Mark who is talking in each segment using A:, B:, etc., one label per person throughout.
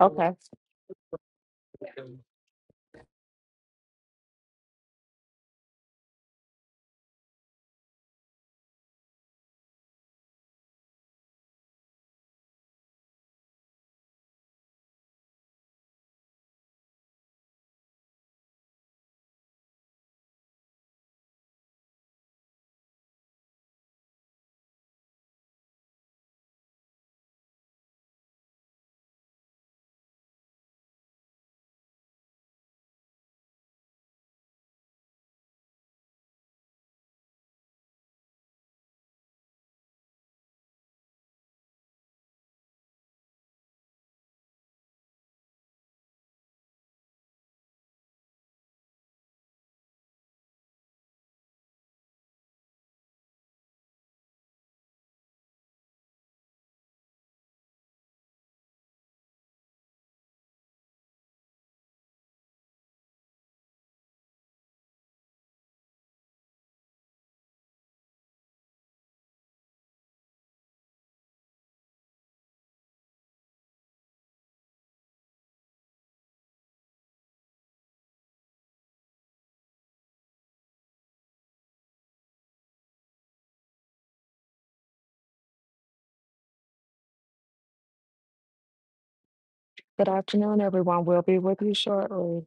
A: Okay. Good afternoon, everyone. We'll be with you shortly.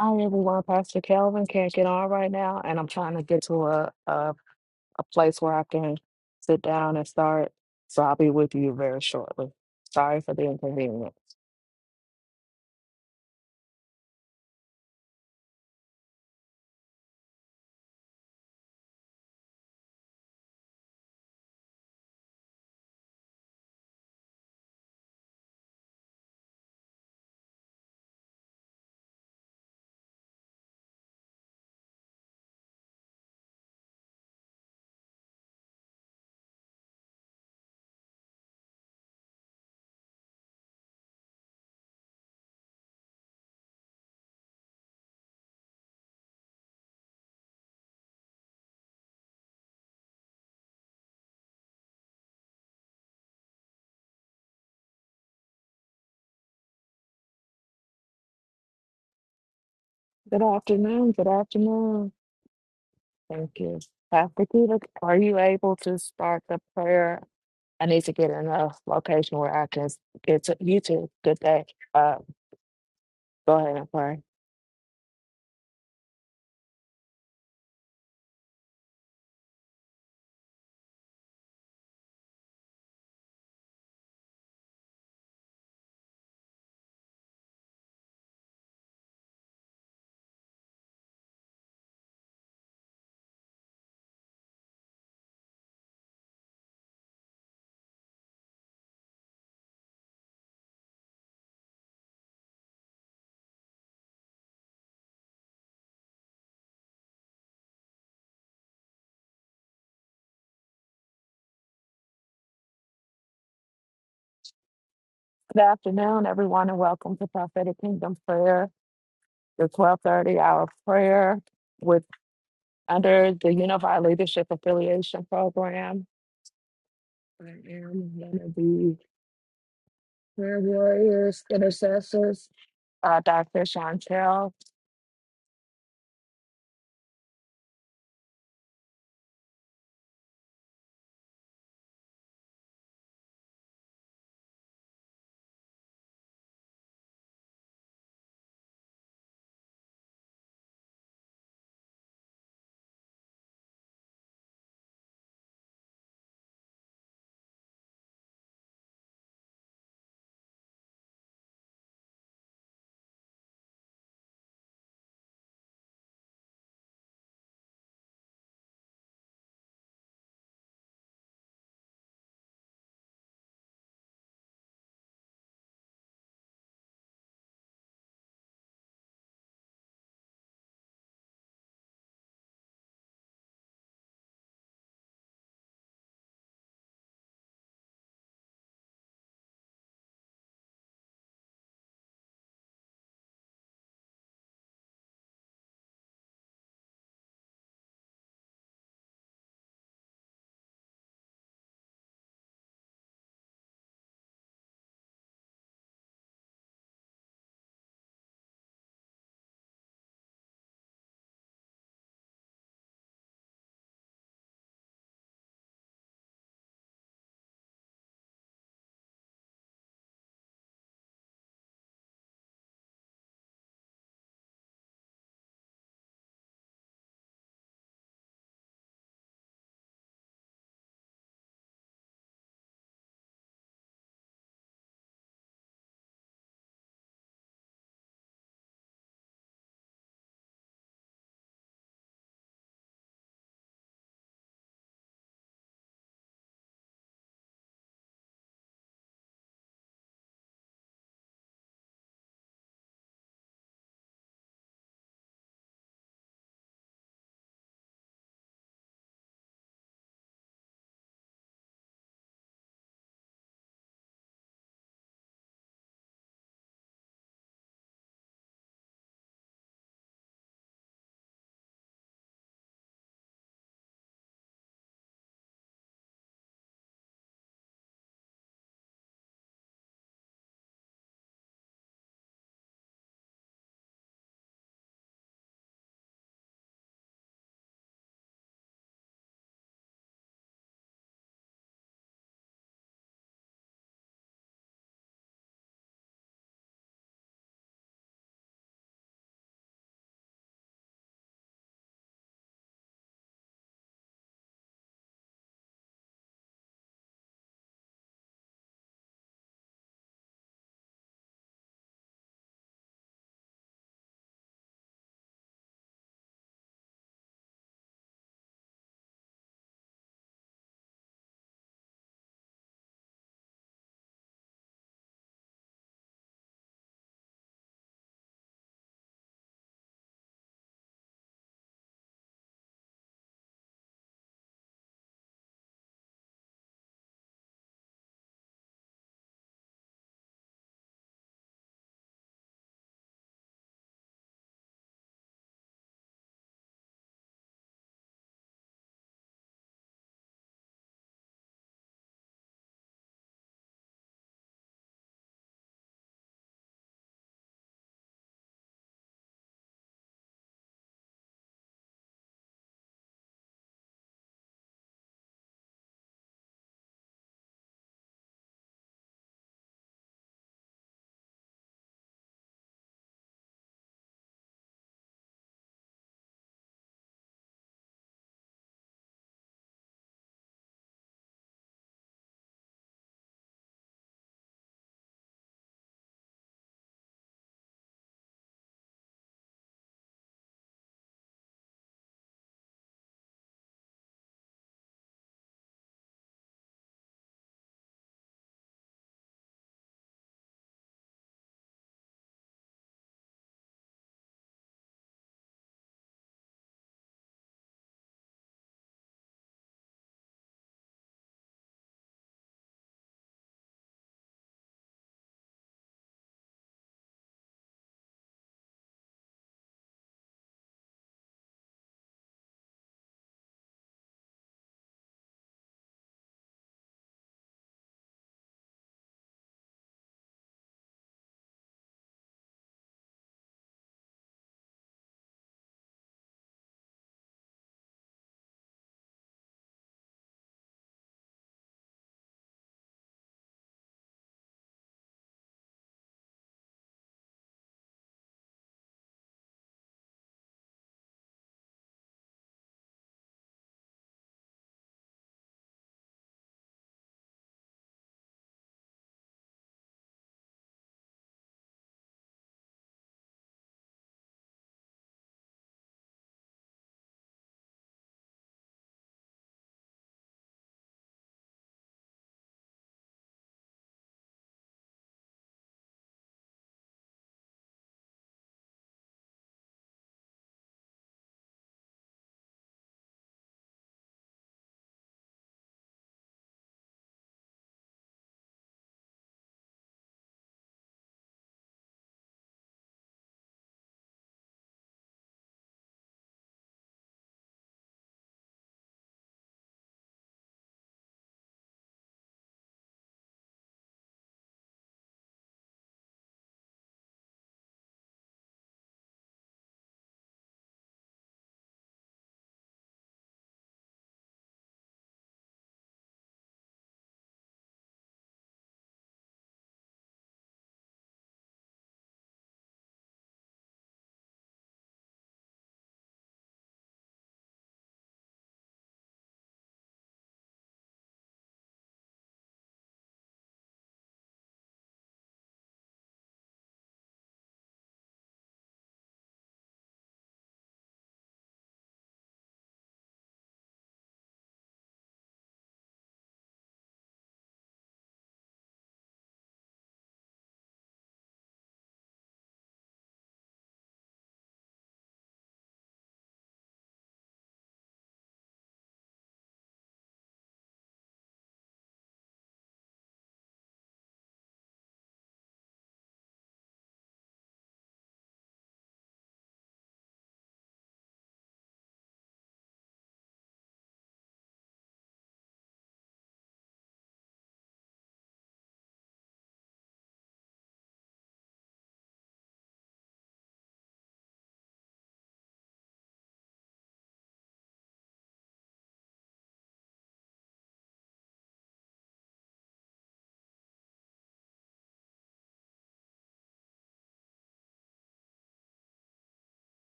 A: Hi, everyone. Pastor Calvin can't get on right now, and I'm trying to get to a, a, a place where I can sit down and start. So I'll be with you very shortly. Sorry for the inconvenience. Good afternoon. Good afternoon. Thank you. Pastor Peter, are you able to start the prayer? I need to get in a location where I can get to you too. Good day. Uh, go ahead and pray. Good afternoon, everyone, and welcome to Prophetic Kingdom Prayer. the 1230 hour prayer with under the Unified Leadership Affiliation Program. I am one of the prayer warriors, intercessors, uh, Dr. Chantel.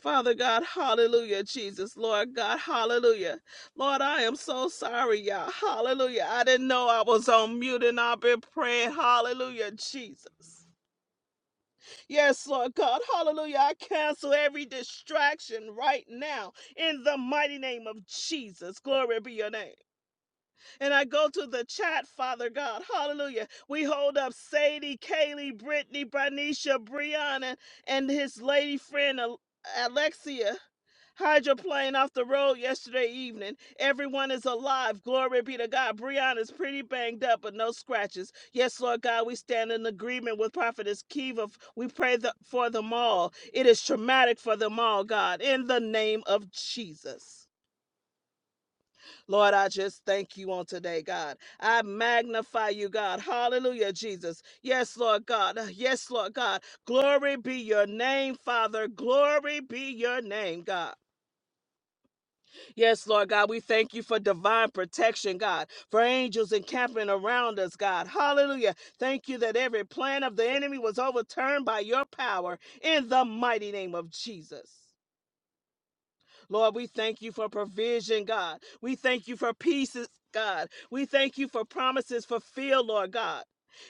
A: Father God, hallelujah, Jesus. Lord God, hallelujah. Lord, I am so sorry, y'all. Hallelujah. I didn't know I was on mute and I've been praying. Hallelujah, Jesus. Yes, Lord God. Hallelujah. I cancel every distraction right now in the mighty name of Jesus. Glory be your name. And I go to the chat, Father God. Hallelujah. We hold up Sadie, Kaylee, Brittany, Bernicia, Brianna, and his lady friend Al- Alexia. Hydroplane off the road yesterday evening. Everyone is alive. Glory be to God. Brianna's pretty banged up, but no scratches. Yes, Lord God, we stand in agreement with Prophetess Kiva. We pray the, for them all. It is traumatic for them all, God, in the name of Jesus. Lord, I just thank you on today, God. I magnify you, God. Hallelujah, Jesus. Yes, Lord God. Yes, Lord God. Glory be your name, Father. Glory be your name, God. Yes, Lord God, we thank you for divine protection, God, for angels encamping around us, God. Hallelujah. Thank you that every plan of the enemy was overturned by your power in the mighty name of Jesus. Lord, we thank you for provision, God. We thank you for peace, God. We thank you for promises fulfilled, Lord God,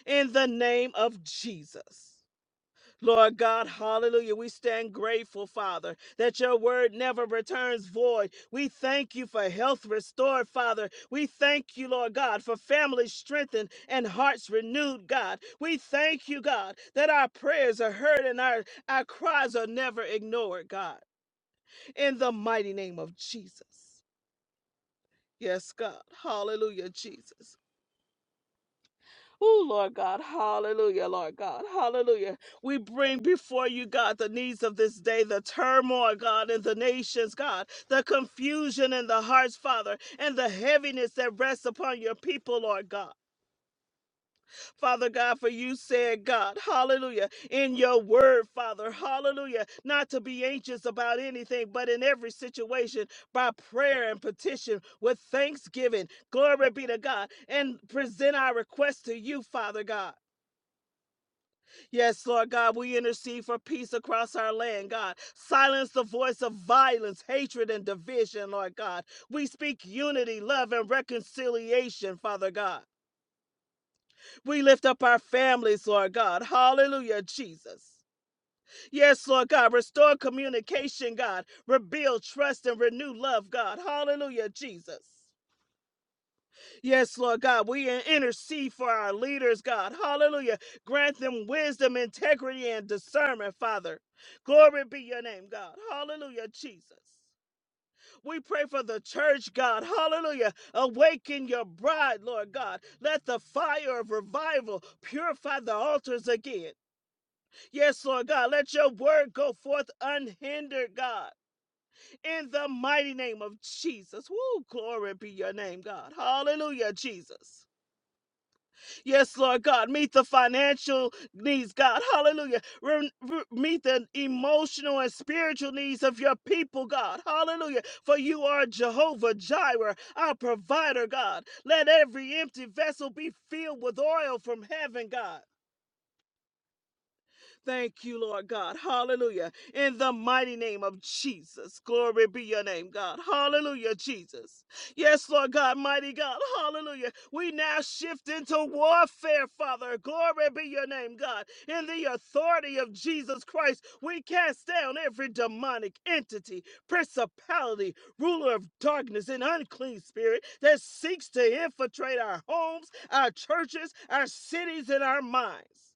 A: in the name of Jesus. Lord God, hallelujah. We stand grateful, Father, that your word never returns void. We thank you for health restored, Father. We thank you, Lord God, for families strengthened and hearts renewed, God. We thank you, God, that our prayers are heard and our, our cries are never ignored, God. In the mighty name of Jesus. Yes, God. Hallelujah, Jesus. Oh, Lord God, hallelujah, Lord God, hallelujah. We bring before you, God, the needs of this day, the turmoil, God, in the nations, God, the confusion in the hearts, Father, and the heaviness that rests upon your people, Lord God. Father God, for you said, God, hallelujah, in your word, Father, hallelujah, not to be anxious about anything, but in every situation, by prayer and petition, with thanksgiving, glory be to God, and present our request to you, Father God. Yes, Lord God, we intercede for peace across our land, God. Silence the voice of violence, hatred, and division, Lord God. We speak unity, love, and reconciliation, Father God. We lift up our families, Lord God. Hallelujah, Jesus. Yes, Lord God, restore communication, God. Rebuild trust and renew love, God. Hallelujah, Jesus. Yes, Lord God, we intercede for our leaders, God. Hallelujah. Grant them wisdom, integrity, and discernment, Father. Glory be your name, God. Hallelujah, Jesus. We pray for the church, God. Hallelujah. Awaken your bride, Lord God. Let the fire of revival purify the altars again. Yes, Lord God. Let your word go forth unhindered, God. In the mighty name of Jesus. Woo, glory be your name, God. Hallelujah, Jesus. Yes, Lord God, meet the financial needs, God. Hallelujah. Re- re- meet the emotional and spiritual needs of your people, God. Hallelujah. For you are Jehovah Jireh, our provider, God. Let every empty vessel be filled with oil from heaven, God. Thank you, Lord God. Hallelujah. In the mighty name of Jesus. Glory be your name, God. Hallelujah, Jesus. Yes, Lord God, mighty God. Hallelujah. We now shift into warfare, Father. Glory be your name, God. In the authority of Jesus Christ, we cast down every demonic entity, principality, ruler of darkness, and unclean spirit that seeks to infiltrate our homes, our churches, our cities, and our minds.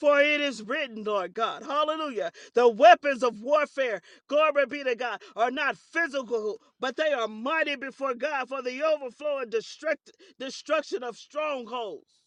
A: For it is written, Lord God, hallelujah. The weapons of warfare, glory be to God, are not physical, but they are mighty before God for the overflow and destruct, destruction of strongholds.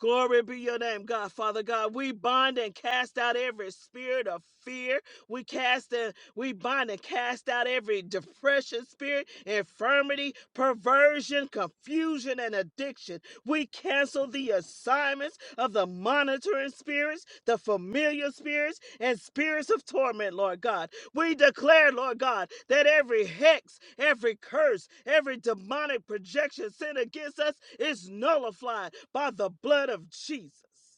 A: Glory be your name, God. Father God, we bind and cast out every spirit of fear. We cast and we bind and cast out every depression spirit, infirmity, perversion, confusion, and addiction. We cancel the assignments of the monitoring spirits, the familiar spirits, and spirits of torment, Lord God. We declare, Lord God, that every hex, every curse, every demonic projection sent against us is nullified by the blood of Jesus.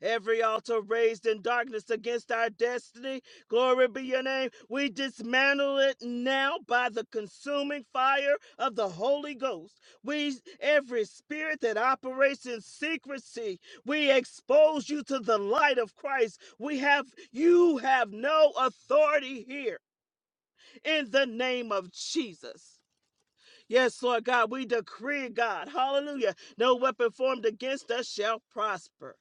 A: Every altar raised in darkness against our destiny, glory be your name. We dismantle it now by the consuming fire of the Holy Ghost. We every spirit that operates in secrecy, we expose you to the light of Christ. We have you have no authority here in the name of Jesus. Yes, Lord God, we decree, God, hallelujah, no weapon formed against us shall prosper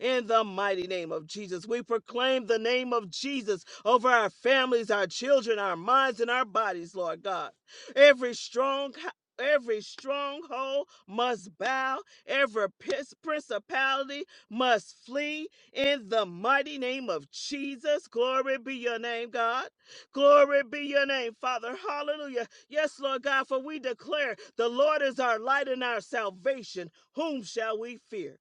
A: in the mighty name of Jesus. We proclaim the name of Jesus over our families, our children, our minds, and our bodies, Lord God. Every strong Every stronghold must bow, every pis- principality must flee in the mighty name of Jesus. Glory be your name, God. Glory be your name, Father. Hallelujah. Yes, Lord God, for we declare the Lord is our light and our salvation. Whom shall we fear?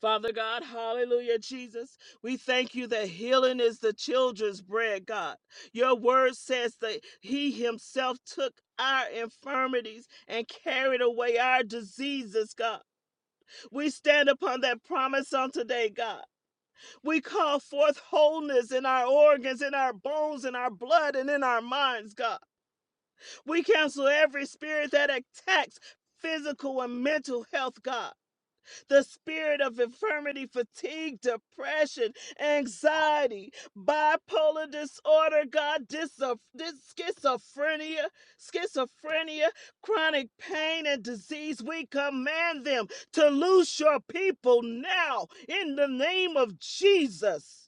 A: Father God, hallelujah, Jesus. We thank you that healing is the children's bread, God. Your word says that He Himself took our infirmities and carried away our diseases, God. We stand upon that promise on today, God. We call forth wholeness in our organs, in our bones, in our blood, and in our minds, God. We cancel every spirit that attacks physical and mental health, God the spirit of infirmity, fatigue, depression, anxiety, bipolar disorder, God, diso- dis- schizophrenia, schizophrenia, chronic pain and disease. We command them to loose your people now in the name of Jesus.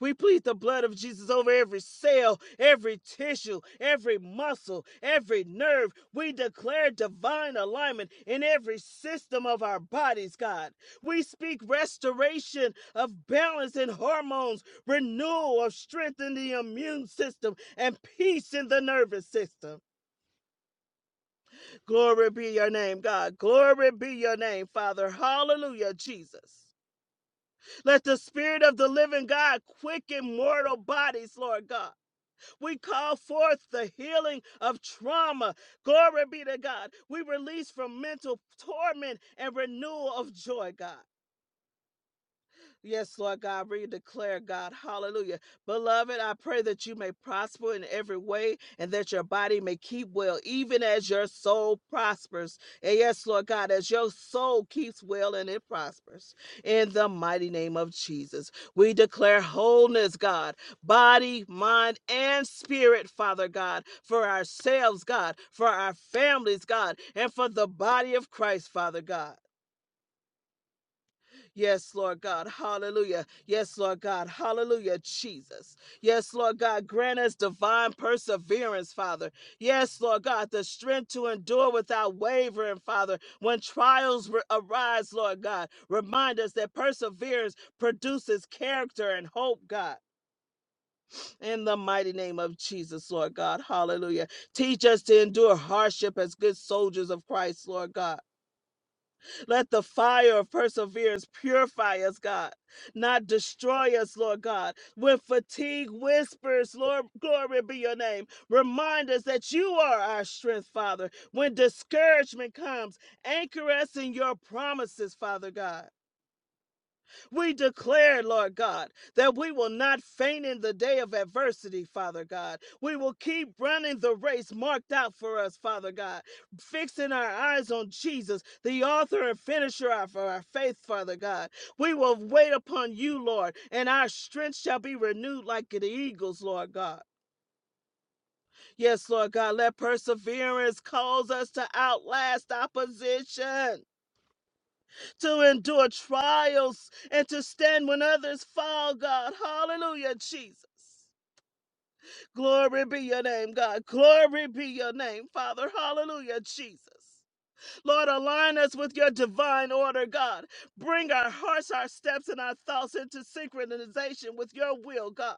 A: We plead the blood of Jesus over every cell, every tissue, every muscle, every nerve. We declare divine alignment in every system of our bodies, God. We speak restoration of balance in hormones, renewal of strength in the immune system, and peace in the nervous system. Glory be your name, God. Glory be your name, Father. Hallelujah, Jesus. Let the Spirit of the living God quicken mortal bodies, Lord God. We call forth the healing of trauma. Glory be to God. We release from mental torment and renewal of joy, God. Yes, Lord God, we declare, God, hallelujah. Beloved, I pray that you may prosper in every way and that your body may keep well, even as your soul prospers. And yes, Lord God, as your soul keeps well and it prospers. In the mighty name of Jesus, we declare wholeness, God, body, mind, and spirit, Father God, for ourselves, God, for our families, God, and for the body of Christ, Father God. Yes, Lord God. Hallelujah. Yes, Lord God. Hallelujah, Jesus. Yes, Lord God. Grant us divine perseverance, Father. Yes, Lord God. The strength to endure without wavering, Father. When trials ri- arise, Lord God, remind us that perseverance produces character and hope, God. In the mighty name of Jesus, Lord God. Hallelujah. Teach us to endure hardship as good soldiers of Christ, Lord God. Let the fire of perseverance purify us, God, not destroy us, Lord God. When fatigue whispers, Lord, glory be your name. Remind us that you are our strength, Father. When discouragement comes, anchor us in your promises, Father God. We declare, Lord God, that we will not faint in the day of adversity, Father God. We will keep running the race marked out for us, Father God, fixing our eyes on Jesus, the author and finisher of our faith, Father God. We will wait upon you, Lord, and our strength shall be renewed like the eagles, Lord God. Yes, Lord God, let perseverance cause us to outlast opposition to endure trials and to stand when others fall, God. Hallelujah, Jesus. Glory be your name, God. Glory be your name, Father. Hallelujah, Jesus. Lord, align us with your divine order, God. Bring our hearts, our steps, and our thoughts into synchronization with your will, God.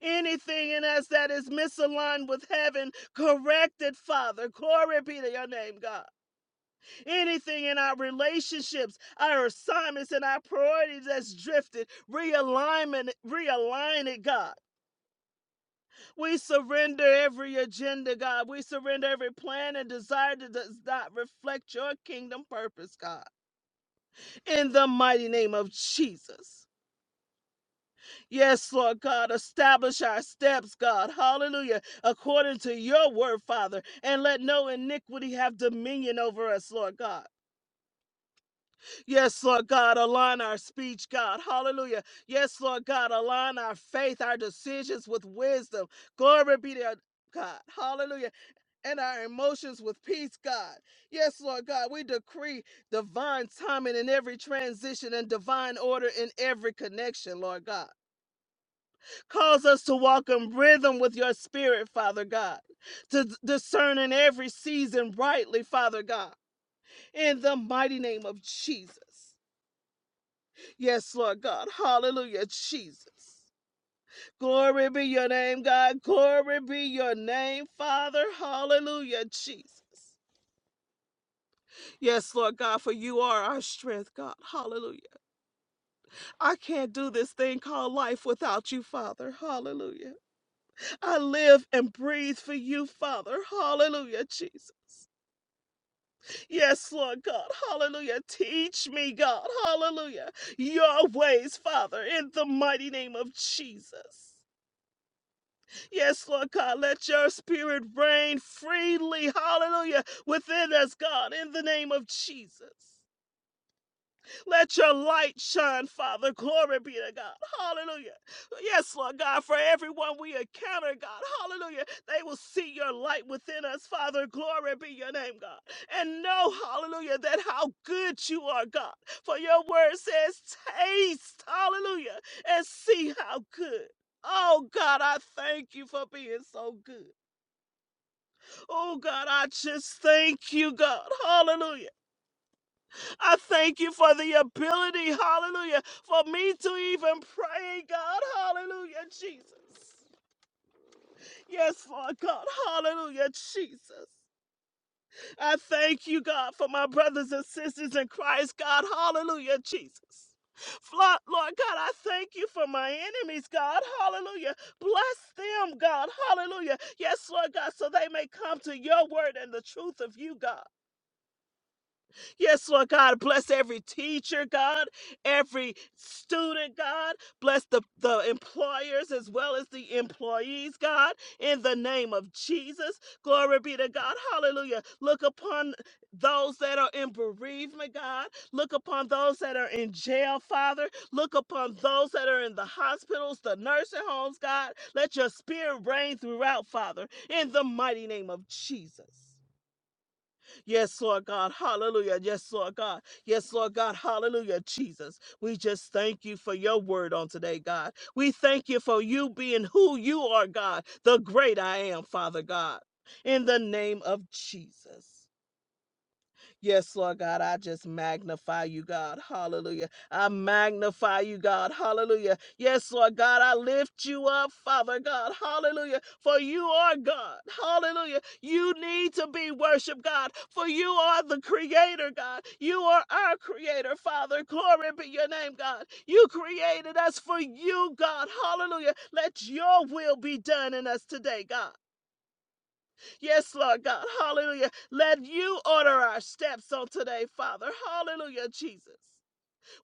A: Anything in us that is misaligned with heaven, correct it, Father. Glory be to your name, God. anything in our relationships, our assignments, and our priorities that's drifted. Realignment, realign it, God. We surrender every agenda, God. We surrender every plan and desire that does not reflect your kingdom purpose, God. In the mighty name of Jesus. Yes, Lord God, establish our steps, God. Hallelujah. According to your word, Father, and let no iniquity have dominion over us, Lord God. Yes, Lord God, align our speech, God. Hallelujah. Yes, Lord God, align our faith, our decisions with wisdom. Glory be to God. Hallelujah. And our emotions with peace, God. Yes, Lord God, we decree divine timing in every transition and divine order in every connection, Lord God. Cause us to walk in rhythm with your spirit, Father God, to d- discern in every season rightly, Father God, in the mighty name of Jesus. Yes, Lord God. Hallelujah, Jesus. Glory be your name, God. Glory be your name, Father. Hallelujah, Jesus. Yes, Lord God, for you are our strength, God. Hallelujah. I can't do this thing called life without you, Father. Hallelujah. I live and breathe for you, Father. Hallelujah, Jesus. Yes, Lord God. Hallelujah. Teach me, God. Hallelujah. Your ways, Father, in the mighty name of Jesus. Yes, Lord God, let your spirit reign freely, hallelujah, within us, God, in the name of Jesus. Let your light shine, Father. Glory be to God. Hallelujah. Yes, Lord God, for everyone we encounter, God. Hallelujah. They will see your light within us, Father. Glory be your name, God. And know, hallelujah, that how good you are, God. For your word says, taste, hallelujah, and see how good. Oh God, I thank you for being so good. Oh God, I just thank you, God. Hallelujah. I thank you for the ability, hallelujah, for me to even pray, God, hallelujah, Jesus. Yes, Lord God, hallelujah, Jesus. I thank you, God, for my brothers and sisters in Christ, God, hallelujah, Jesus. Flo- Lord God, I thank you for my enemies, God, hallelujah. Bless them, God, hallelujah. Yes, Lord God, so they may come to your word and the truth of you, God. Yes, Lord God, bless every teacher, God, every student, God. Bless the, the employers as well as the employees, God, in the name of Jesus. Glory be to God. Hallelujah. Look upon those that are in bereavement, God. Look upon those that are in jail, Father. Look upon those that are in the hospitals, the nursing homes, God. Let your spirit reign throughout, Father, in the mighty name of Jesus. Yes, Lord God. Hallelujah. Yes, Lord God. Yes, Lord God. Hallelujah, Jesus. We just thank you for your word on today, God. We thank you for you being who you are, God, the great I am, Father God. In the name of Jesus. Yes, Lord God, I just magnify you, God. Hallelujah. I magnify you, God. Hallelujah. Yes, Lord God, I lift you up, Father God. Hallelujah. For you are God. Hallelujah. You need to be worshiped, God. For you are the creator, God. You are our creator, Father. Glory be your name, God. You created us for you, God. Hallelujah. Let your will be done in us today, God. Yes, Lord God. Hallelujah. Let you order our steps on today, Father. Hallelujah, Jesus.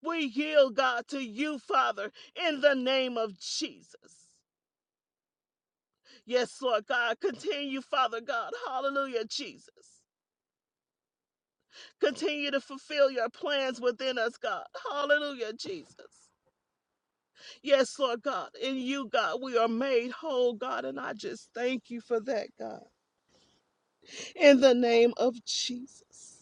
A: We yield, God, to you, Father, in the name of Jesus. Yes, Lord God. Continue, Father God. Hallelujah, Jesus. Continue to fulfill your plans within us, God. Hallelujah, Jesus. Yes, Lord God. In you, God, we are made whole, God. And I just thank you for that, God. In the name of Jesus.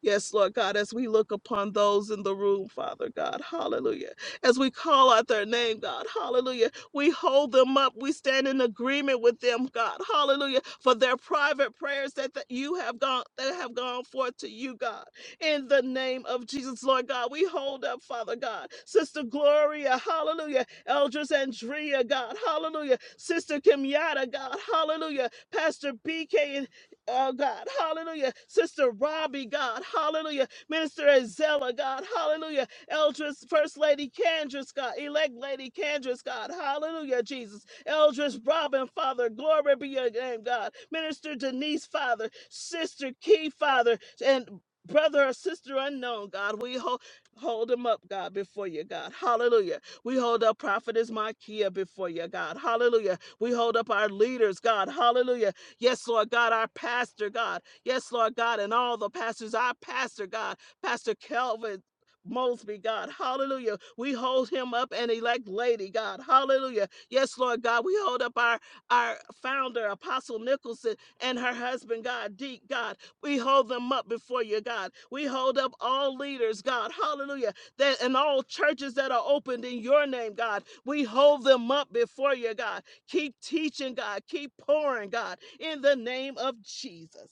A: Yes, Lord God, as we look upon those in the room, Father God, hallelujah. As we call out their name, God, hallelujah. We hold them up. We stand in agreement with them, God, hallelujah, for their private prayers that, that you have gone that have gone forth to you, God. In the name of Jesus, Lord God, we hold up, Father God, Sister Gloria, hallelujah, Eldris Andrea, God, hallelujah, Sister Kimyata, God, hallelujah, Pastor BK Oh God, hallelujah. Sister Robbie, God, hallelujah. Minister Azella, God, hallelujah. Eldris, First Lady Candris, God, elect Lady Candris, God, hallelujah, Jesus. Eldris Robin, Father, glory be your name, God. Minister Denise, Father, Sister Key, Father, and brother or sister unknown, God. We hold hold them up, God, before you, God. Hallelujah. We hold up Prophetess Makia before you, God. Hallelujah. We hold up our leaders, God. Hallelujah. Yes, Lord God, our pastor, God. Yes, Lord God, and all the pastors, our pastor, God, Pastor Calvin. Mosby, God, hallelujah. We hold him up and elect lady, God, hallelujah. Yes, Lord God, we hold up our our founder, Apostle Nicholson, and her husband, God, Deep God. We hold them up before you, God. We hold up all leaders, God, hallelujah. That and all churches that are opened in your name, God. We hold them up before you, God. Keep teaching, God. Keep pouring, God, in the name of Jesus.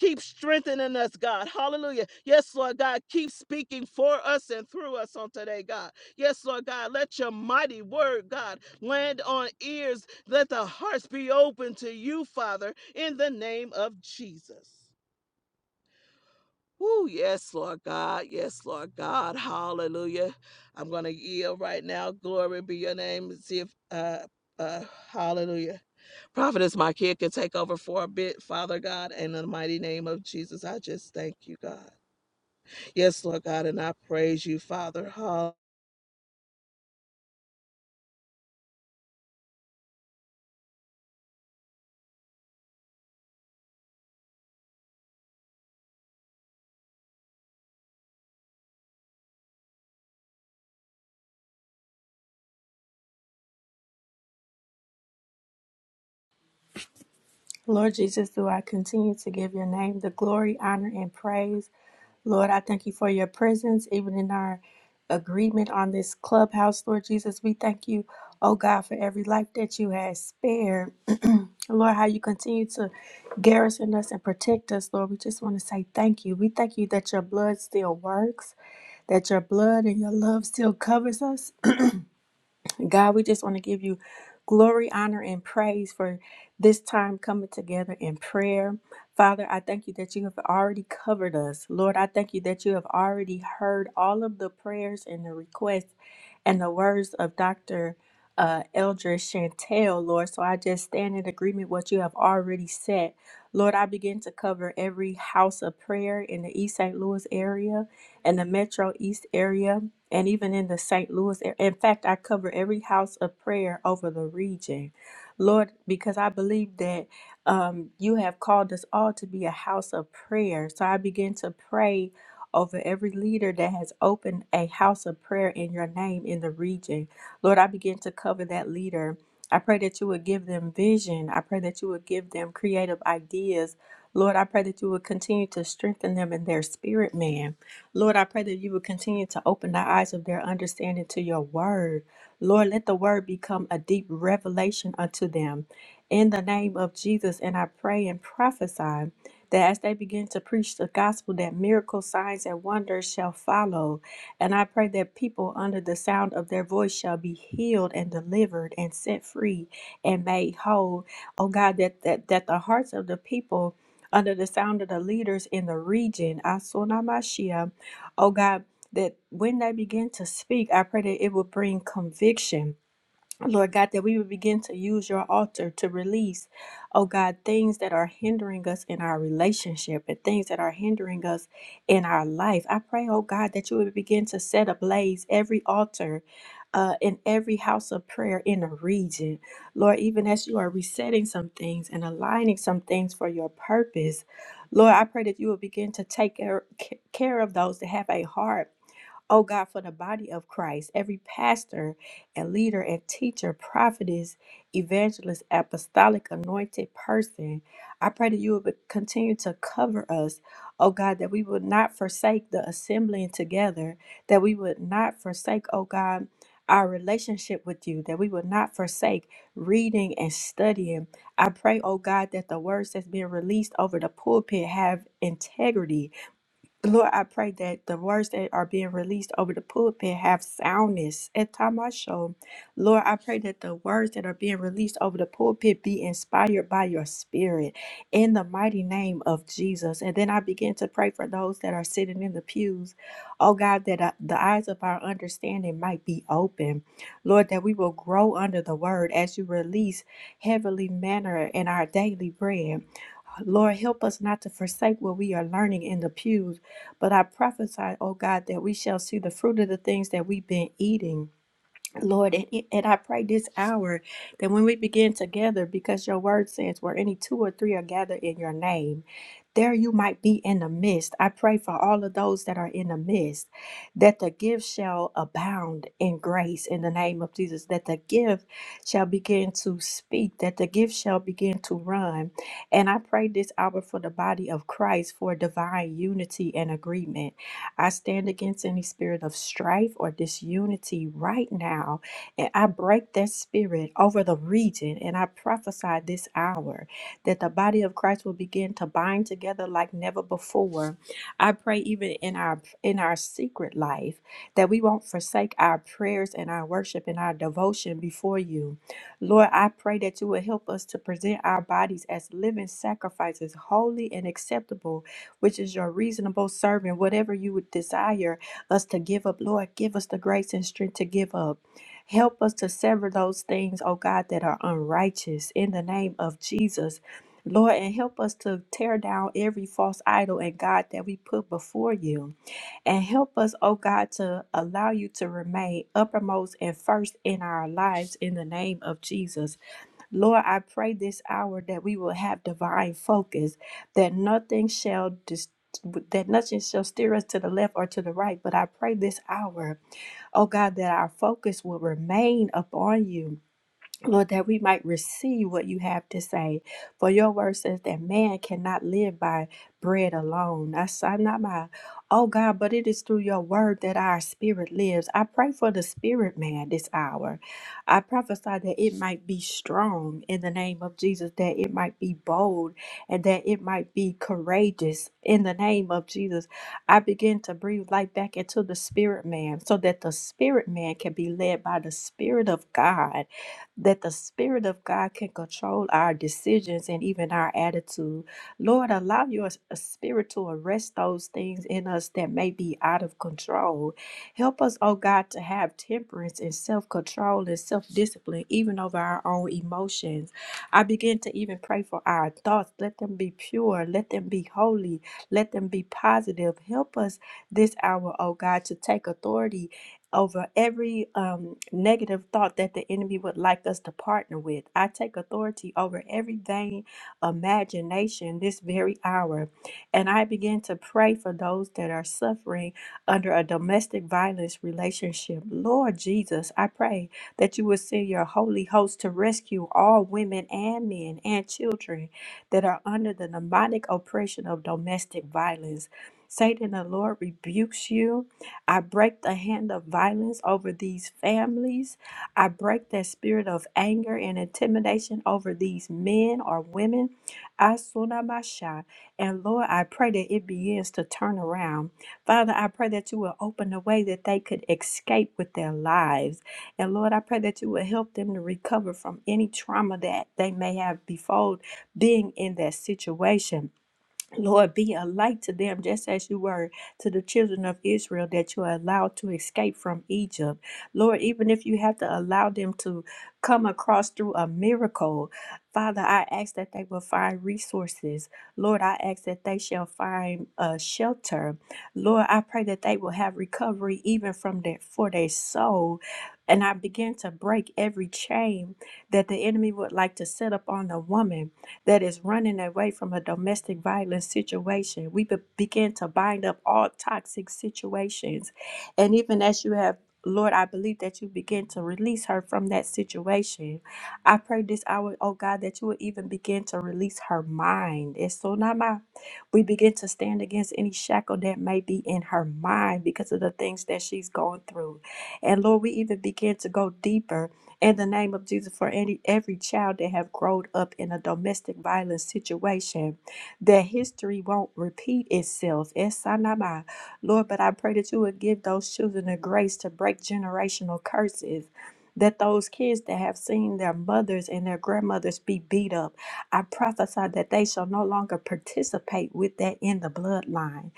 A: Keep strengthening us, God. Hallelujah. Yes, Lord God. Keep speaking for us and through us on today, God. Yes, Lord God. Let your mighty word, God, land on ears. Let the hearts be open to you, Father, in the name of Jesus. Woo, yes, Lord God. Yes, Lord God. Hallelujah. I'm going to yield right now. Glory be your name. See if, uh, uh, hallelujah. Prophetess, my kid can take over for a bit, Father God, in the mighty name of Jesus. I just thank you, God. Yes, Lord God, and I praise you, Father. Hall-
B: Lord Jesus, do I continue to give your name the glory, honor, and praise? Lord, I thank you for your presence, even in our agreement on this clubhouse. Lord Jesus, we thank you, oh God, for every life that you have spared. Lord, how you continue to garrison us and protect us, Lord. We just want to say thank you. We thank you that your blood still works, that your blood and your love still covers us. God, we just want to give you glory, honor, and praise for this time coming together in prayer. Father, I thank you that you have already covered us. Lord, I thank you that you have already heard all of the prayers and the requests and the words of Dr. Uh, Eldra Chantel, Lord. So I just stand in agreement what you have already said. Lord, I begin to cover every house of prayer in the East St. Louis area in the Metro East area and even in the St. Louis area. In fact, I cover every house of prayer over the region. Lord, because I believe that um, you have called us all to be a house of prayer. So I begin to pray over every leader that has opened a house of prayer in your name in the region. Lord, I begin to cover that leader. I pray that you would give them vision. I pray that you would give them creative ideas. Lord, I pray that you would continue to strengthen them in their spirit, man. Lord, I pray that you would continue to open the eyes of their understanding to your word. Lord, let the word become a deep revelation unto them. In the name of Jesus, and I pray and prophesy that as they begin to preach the gospel, that miracles, signs, and wonders shall follow. And I pray that people under the sound of their voice shall be healed and delivered and set free and made whole. Oh God, that that, that the hearts of the people under the sound of the leaders in the region, Oh God, that when they begin to speak, I pray that it will bring conviction Lord God, that we would begin to use your altar to release, oh God, things that are hindering us in our relationship and things that are hindering us in our life. I pray, oh God, that you would begin to set ablaze every altar. Uh, in every house of prayer in the region, Lord, even as you are resetting some things and aligning some things for your purpose, Lord, I pray that you will begin to take care care of those that have a heart Oh God, for the body of Christ, every pastor and leader and teacher, prophetess, evangelist, apostolic, anointed person, I pray that you would continue to cover us. Oh God, that we would not forsake the assembling together, that we would not forsake, oh God, our relationship with you, that we would not forsake reading and studying. I pray, oh God, that the words that's being released over the pulpit have integrity Lord, I pray that the words that are being released over the pulpit have soundness. At time I show, Lord, I pray that the words that are being released over the pulpit be inspired by your spirit in the mighty name of Jesus. And then I begin to pray for those that are sitting in the pews. Oh God, that uh, the eyes of our understanding might be open. Lord, that we will grow under the word as you release heavenly manner in our daily bread. Lord, help us not to forsake what we are learning in the pews. But I prophesy, oh God, that we shall see the fruit of the things that we've been eating. Lord, and, and I pray this hour that when we begin together, because your word says where any two or three are gathered in your name, there you might be in the midst. I pray for all of those that are in the midst, that the gift shall abound in grace in the name of Jesus, that the gift shall begin to speak, that the gift shall begin to run. And I pray this hour for the body of Christ for divine unity and agreement. I stand against any spirit of strife or disunity right now, and I break that spirit over the region, and I prophesy this hour that the body of Christ will begin to bind together like never before. I pray even in our in our secret life that we won't forsake our prayers and our worship and our devotion before you. Lord, I pray that you will help us to present our bodies as living sacrifices, holy and acceptable which is your reasonable servant, whatever you would desire us to give up, Lord, give us the grace and strength to give up. Help us to sever those things, oh God, that are unrighteous in the name of Jesus. Lord, and help us to tear down every false idol and God that we put before you. And help us, oh God, to allow you to remain uppermost and first in our lives in the name of Jesus. Lord, I pray this hour that we will have divine focus, that nothing shall dis- that nothing shall steer us to the left or to the right. But I pray this hour, oh God, that our focus will remain upon you Lord, that we might receive what you have to say. For your word says that man cannot live by bread alone. That's I'm not my, oh God, but it is through your word that our spirit lives. I pray for the spirit man this hour. I prophesy that it might be strong in the name of Jesus, that it might be bold, and that it might be courageous in the name of Jesus. I begin to breathe life back into the spirit man so that the spirit man can be led by the spirit of God that the Spirit of God can control our decisions and even our attitude. Lord, allow your s- Spirit to arrest those things in us that may be out of control. Help us, oh God, to have temperance and self control and self discipline, even over our own emotions. I begin to even pray for our thoughts. Let them be pure, let them be holy, let them be positive. Help us this hour, oh God, to take authority over every um, negative thought that the enemy would like us to partner with. I take authority over every vain imagination this very hour. And I begin to pray for those that are suffering under a domestic violence relationship. Lord Jesus, I pray that you will send your holy host to rescue all women and men and children that are under the demonic oppression of domestic violence. Satan, the Lord rebukes you I break the hand of violence over these families. I break that spirit of anger and intimidation over these men or women. Asunabasha. And Lord, I pray that it begins to turn around. Father, I pray that you will open a way that they could escape with their lives. And Lord, I pray that you will help them to recover from any trauma that they may have before being in that situation. Lord, be a light to them, just as you were to the children of Israel that you allowed to escape from Egypt. Lord, even if you have to allow them to come across through a miracle, Father, I ask that they will find resources. Lord, I ask that they shall find a shelter. Lord, I pray that they will have recovery even from their for their soul. And I begin to break every chain that the enemy would like to set up on the woman that is running away from a domestic violence situation. We be- begin to bind up all toxic situations. And even as you have, Lord, I believe that you begin to release her from that situation. I pray this hour, oh God, that you will even begin to release her mind. It's so not my we begin to stand against any shackle that may be in her mind because of the things that she's going through. And Lord, we even begin to go deeper in the name of Jesus for any every child that have grown up in a domestic violence situation, that history won't repeat itself. Esanama. Lord, but I pray that you would give those children the grace to break generational curses. That those kids that have seen their mothers and their grandmothers be beat up, I prophesy that they shall no longer participate with that in the bloodline.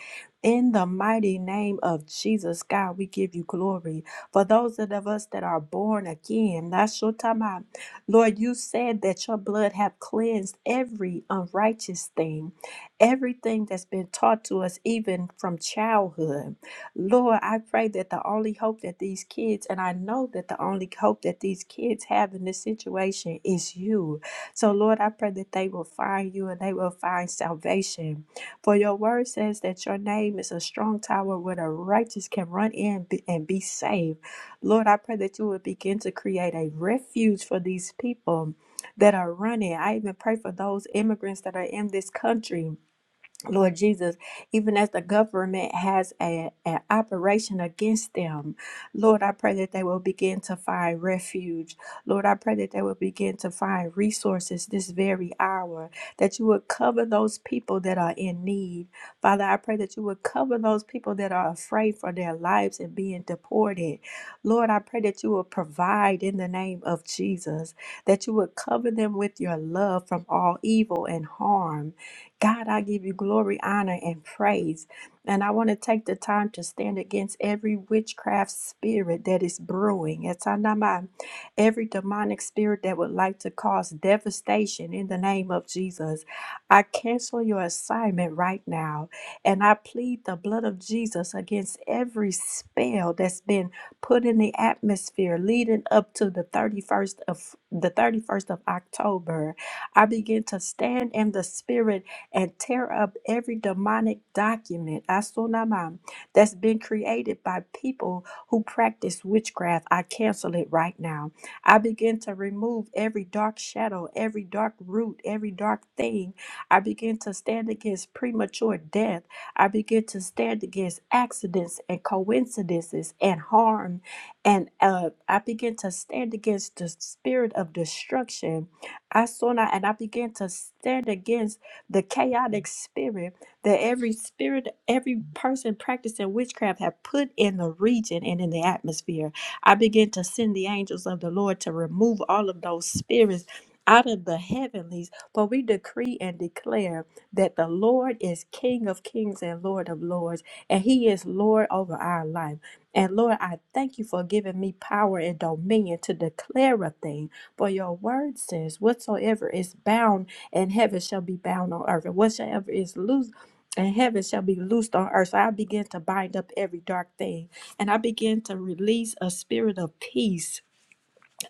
B: In the mighty name of Jesus, God, we give you glory. For those of us that are born again, Nashotama, Lord, you said that your blood have cleansed every unrighteous thing, everything that's been taught to us even from childhood. Lord, I pray that the only hope that these kids, and I know that the only hope that these kids have in this situation is you. So, Lord, I pray that they will find you and they will find salvation. For your word says that your name is a strong tower where the righteous can run in and be saved. Lord, I pray that you would begin to create a refuge for these people that are running. I even pray for those immigrants that are in this country. Lord Jesus, even as the government has a, an operation against them, Lord, I pray that they will begin to find refuge. Lord, I pray that they will begin to find resources this very hour, that you would cover those people that are in need. Father, I pray that you would cover those people that are afraid for their lives and being deported. Lord, I pray that you will provide in the name of Jesus, that you would cover them with your love from all evil and harm. God, I give you glory, honor, and praise. And I want to take the time to stand against every witchcraft spirit that is brewing. It's anama, every demonic spirit that would like to cause devastation in the name of Jesus. I cancel your assignment right now. And I plead the blood of Jesus against every spell that's been put in the atmosphere leading up to the 31st of the 31st of October. I begin to stand in the spirit and tear up every demonic document asunamam, that's been created by people who practice witchcraft. I cancel it right now. I begin to remove every dark shadow, every dark root, every dark thing. I begin to stand against premature death. I begin to stand against accidents and coincidences and harm. And uh, I begin to stand against the spirit of destruction. I saw now, and I begin to stand against the chaotic spirit that every spirit, every person practicing witchcraft have put in the region and in the atmosphere. I begin to send the angels of the Lord to remove all of those spirits out of the heavenlies, for we decree and declare that the Lord is King of kings and Lord of lords, and He is Lord over our life. And Lord, I thank you for giving me power and dominion to declare a thing. For your word says, whatsoever is bound and heaven shall be bound on earth, and whatsoever is loose. And heaven shall be loosed on earth. So I begin to bind up every dark thing. And I begin to release a spirit of peace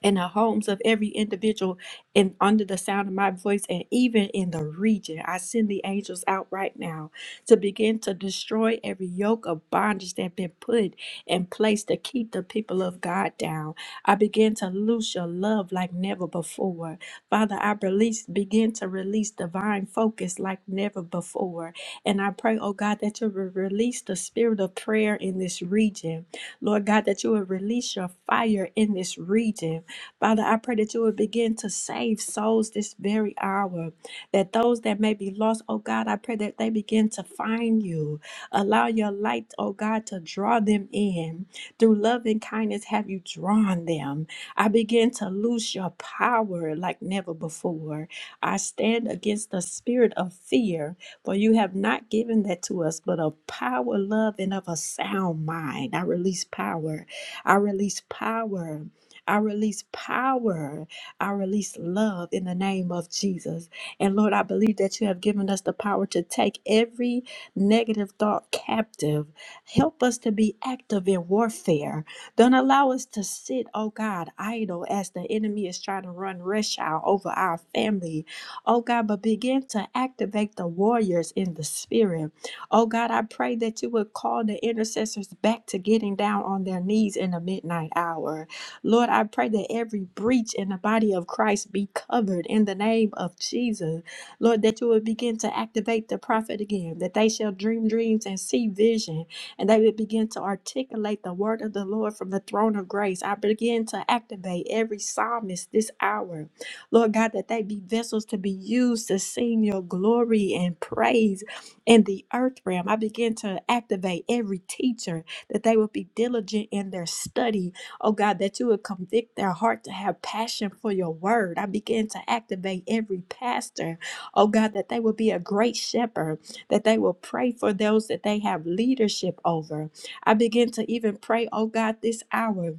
B: in the homes of every individual and under the sound of my voice and even in the region. I send the angels out right now to begin to destroy every yoke of bondage that been put in place to keep the people of God down. I begin to loose your love like never before. Father, I release begin to release divine focus like never before. And I pray, oh God, that you will release the spirit of prayer in this region. Lord God, that you will release your fire in this region. Father, I pray that you would begin to save souls this very hour. That those that may be lost, oh God, I pray that they begin to find you. Allow your light, oh God, to draw them in. Through love and kindness have you drawn them. I begin to lose your power like never before. I stand against the spirit of fear, for you have not given that to us, but of power, love, and of a sound mind. I release power. I release power. I release power. I release love in the name of Jesus. And Lord, I believe that you have given us the power to take every negative thought captive. Help us to be active in warfare. Don't allow us to sit, oh God, idle as the enemy is trying to run reshau over our family. Oh God, but begin to activate the warriors in the spirit. Oh God, I pray that you would call the intercessors back to getting down on their knees in the midnight hour. Lord, I pray that every breach in the body of Christ be covered in the name of Jesus. Lord, that you would begin to activate the prophet again, that they shall dream dreams and see vision, and they would begin to articulate the word of the Lord from the throne of grace. I begin to activate every psalmist this hour. Lord God, that they be vessels to be used to sing your glory and praise in the earth realm. I begin to activate every teacher that they will be diligent in their study Oh God, that you would convict their heart to have passion for your word. I begin to activate every pastor. Oh God, that they will be a great shepherd, that they will pray for those that they have leadership over. I begin to even pray, oh God, this hour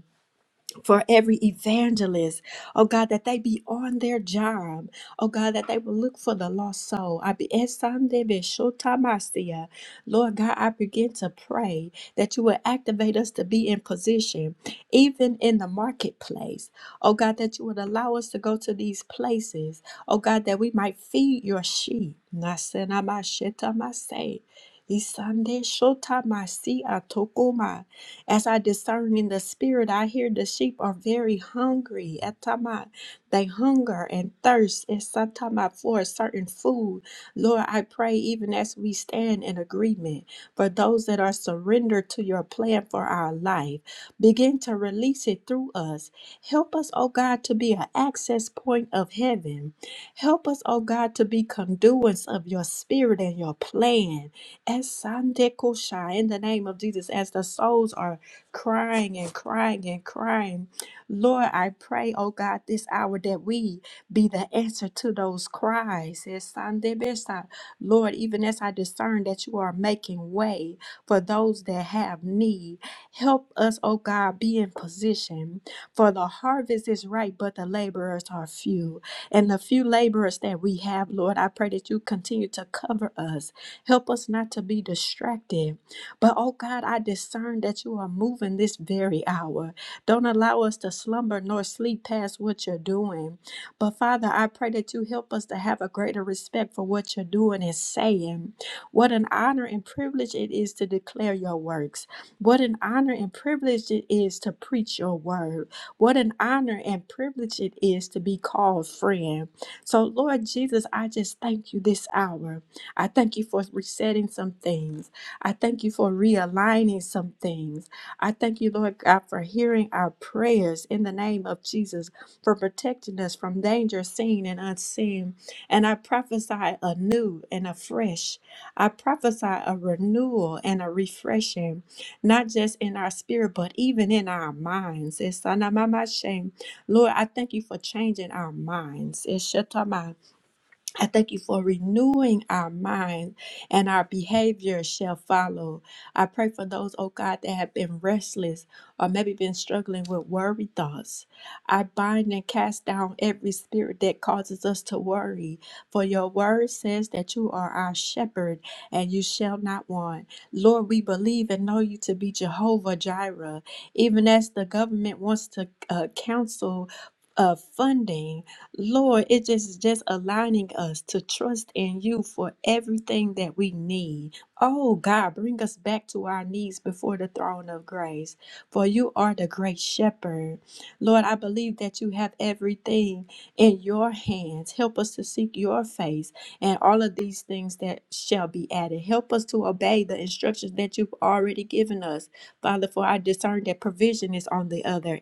B: for every evangelist. Oh God, that they be on their job. Oh God, that they will look for the lost soul. I be Esande be shotamasia. Lord God, I begin to pray that you will activate us to be in position, even in the marketplace. Oh God, that you would allow us to go to these places. Oh God, that we might feed your sheep. Nasenama shetamase. Isande shotamasi atokoma. As I discern in the spirit, I hear the sheep are very hungry. Atama, they hunger and thirst Esatama, for a certain food. Lord, I pray even as we stand in agreement for those that are surrendered to your plan for our life, begin to release it through us. Help us, oh God, to be an access point of heaven. Help us, oh God, to be conduits of your spirit and your plan. Esandekosha, In the name of Jesus, as the souls are crying and crying and crying. Lord, I pray, oh God, this hour that we be the answer to those cries. Es Sunday Besa. Lord, even as I discern that you are making way for those that have need, help us, oh God, be in position. For the harvest is ripe, but the laborers are few. And the few laborers that we have, Lord, I pray that you continue to cover us. Help us not to be distracted but oh God, I discern that you are moving this very hour. Don't allow us to slumber nor sleep past what you're doing. But Father, I pray that you help us to have a greater respect for what you're doing and saying. What an honor and privilege it is to declare your works. What an honor and privilege it is to preach your word. What an honor and privilege it is to be called friend. So, Lord Jesus, I just thank you this hour. I thank you for resetting some things. I thank you for realigning some things. I thank you, Lord God, for hearing our prayers in the name of Jesus, for protecting us from danger seen and unseen. And I prophesy anew and afresh. I prophesy a renewal and a refreshing, not just in our spirit, but even in our minds. It's Sanamama Shem. Lord, I thank you for changing our minds. It's Shetama. I thank you for renewing our mind and our behavior shall follow. I pray for those, oh God, that have been restless or maybe been struggling with worry thoughts. I bind and cast down every spirit that causes us to worry. For your word says that you are our shepherd and you shall not want. Lord, we believe and know you to be Jehovah Jireh. Even as the government wants to uh, counsel uh, funding, Lord, it just is just aligning us to trust in you for everything that we need. Oh God, bring us back to our knees before the throne of grace, for you are the great shepherd. Lord, I believe that you have everything in your hands. Help us to seek your face and all of these things that shall be added. Help us to obey the instructions that you've already given us, Father, for I discern that provision is on the other.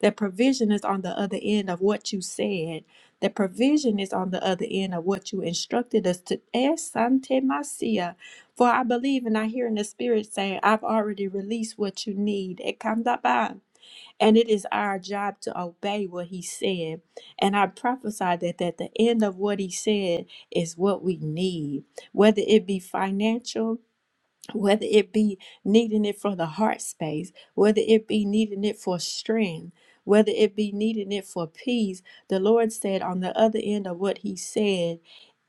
B: That provision is on the other end of what you said. That provision is on the other end of what you instructed us to ask Sante Masia. For I believe and I hear in the spirit saying, I've already released what you need. Ekandaba. And it is our job to obey what he said. And I prophesy that at the end of what he said is what we need, whether it be financial, whether it be needing it for the heart space, whether it be needing it for strength, whether it be needing it for peace, the Lord said on the other end of what He said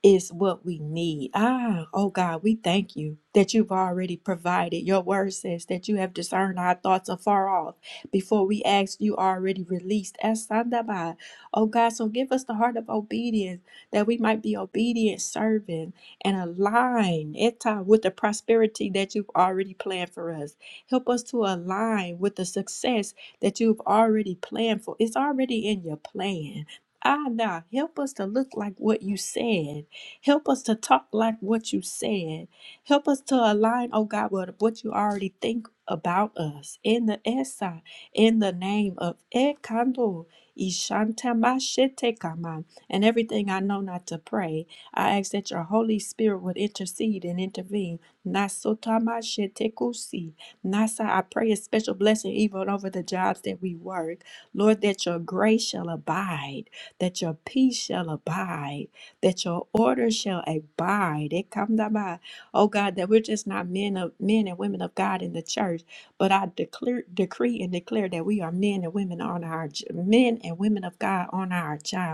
B: is what we need. Ah, oh God, we thank you that you've already provided. Your word says that you have discerned our thoughts afar off. Before we asked, you already released. Asandaba. Oh God, so give us the heart of obedience that we might be obedient servants and align Eta with the prosperity that you've already planned for us. Help us to align with the success that you've already planned for. It's already in your plan. Ah, nah, help us to look like what you said. Help us to talk like what you said. Help us to align, oh God, with what you already think about us. In the Esa, in the name of Ekando, Ishantama Shetekama, and everything I know not to pray. I ask that your Holy Spirit would intercede and intervene. Nasotamashetekusi. Nasa, I pray a special blessing even over the jobs that we work. Lord, that your grace shall abide, that your peace shall abide, that your order shall abide. Ekamdaba. Oh God, that we're just not men of men and women of God in the church, but I declare, decree and declare that we are men and women on our j- men and women of God on our jobs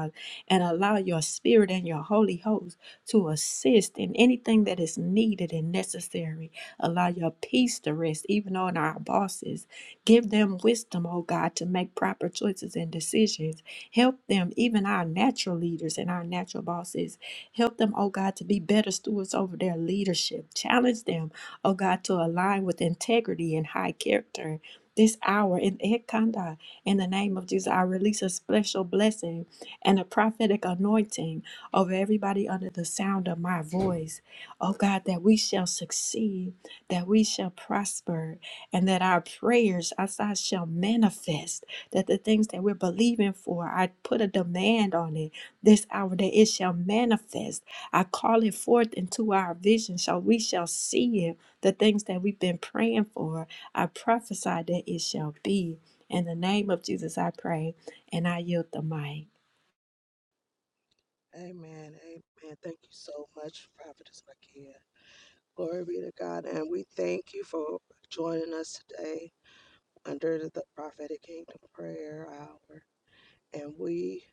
B: and allow your spirit and your Holy Host to assist in anything that is needed and necessary. Allow your peace to rest, even on our bosses. Give them wisdom, oh God, to make proper choices and decisions. Help them, even our natural leaders and our natural bosses. Help them, oh God, to be better stewards over their leadership. Challenge them, oh God, to align with integrity and high character. This hour in Ekanda, in the name of Jesus, I release a special blessing and a prophetic anointing over everybody under the sound of my voice. Oh God, that we shall succeed, that we shall prosper, and that our prayers outside shall manifest. That the things that we're believing for, I put a demand on it this hour that it shall manifest. I call it forth into our vision, so we shall see it. The things that we've been praying for, I prophesy that it shall be. In the name of Jesus, I pray, and I yield the mic.
A: Amen. Amen. Thank you so much, Prophetess Makia. Glory be to God. And we thank you for joining us today under the prophetic kingdom prayer hour. and we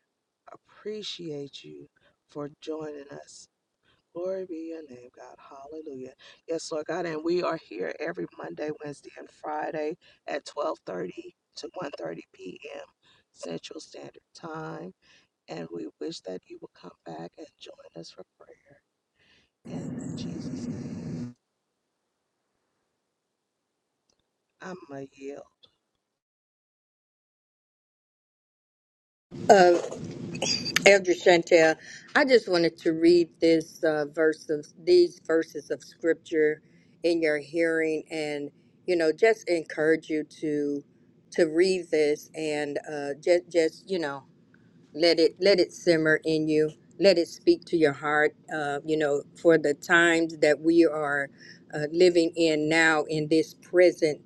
A: appreciate you for joining us. Glory be your name, God. Hallelujah. Yes, Lord God, and we are here every Monday, Wednesday, and Friday at 12:30 to one thirty p.m. Central Standard Time, and we wish that you will come back and join us for prayer. And In Jesus' name, I'm a yield.
C: Uh, Elder Chantel, I just wanted to read this uh, verse of these verses of scripture in your hearing, and you know, just encourage you to to read this and uh, just just you know let it let it simmer in you, let it speak to your heart. Uh, you know, for the times that we are uh, living in now in this present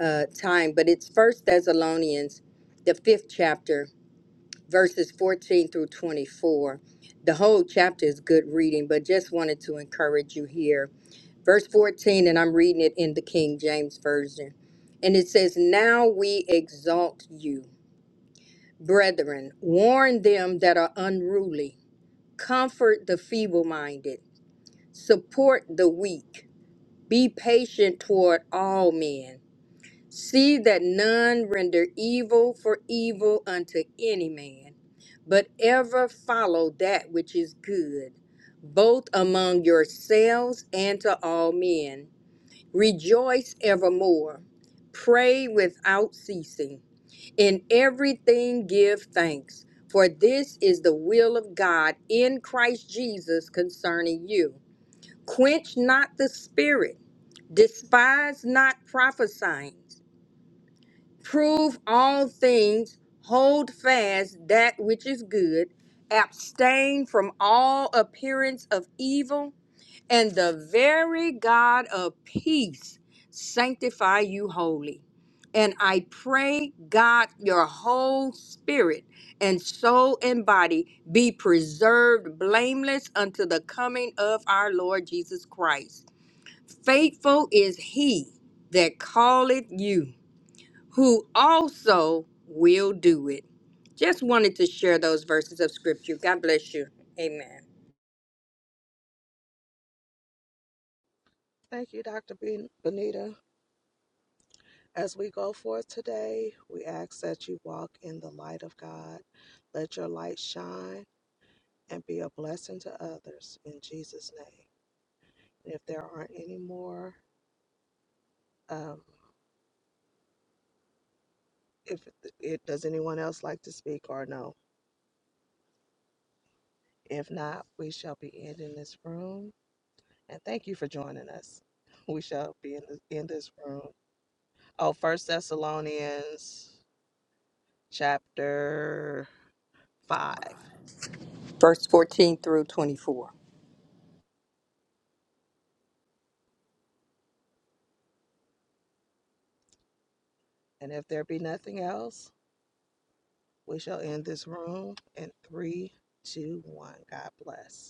C: uh, time, but it's First Thessalonians, the fifth chapter verses 14 through 24. The whole chapter is good reading, but just wanted to encourage you here. Verse 14, and I'm reading it in the King James Version. And it says, Now we exalt you, brethren, warn them that are unruly, comfort the feeble minded, support the weak, be patient toward all men. See that none render evil for evil unto any man, but ever follow that which is good, both among yourselves and to all men. Rejoice evermore. Pray without ceasing. In everything give thanks, for this is the will of God in Christ Jesus concerning you. Quench not the spirit, despise not prophesying prove all things, hold fast that which is good, abstain from all appearance of evil, and the very God of peace sanctify you wholly. And I pray, God, your whole spirit and soul and body be preserved blameless unto the coming of our Lord Jesus Christ. Faithful is he that calleth you who also will do it. Just wanted to share those verses of scripture. God bless you. Amen.
A: Thank you, Dr. Ben- Benita. As we go forth today, we ask that you walk in the light of God. Let your light shine and be a blessing to others in Jesus' name. And if there aren't any more, um, if it does anyone else like to speak or no, if not, we shall be ending this room. And thank you for joining us. We shall be in this, in this room. Oh, First Thessalonians chapter five.
C: Verse 14 through 24.
A: And if there be nothing else, we shall end this room in three, two, one. God bless.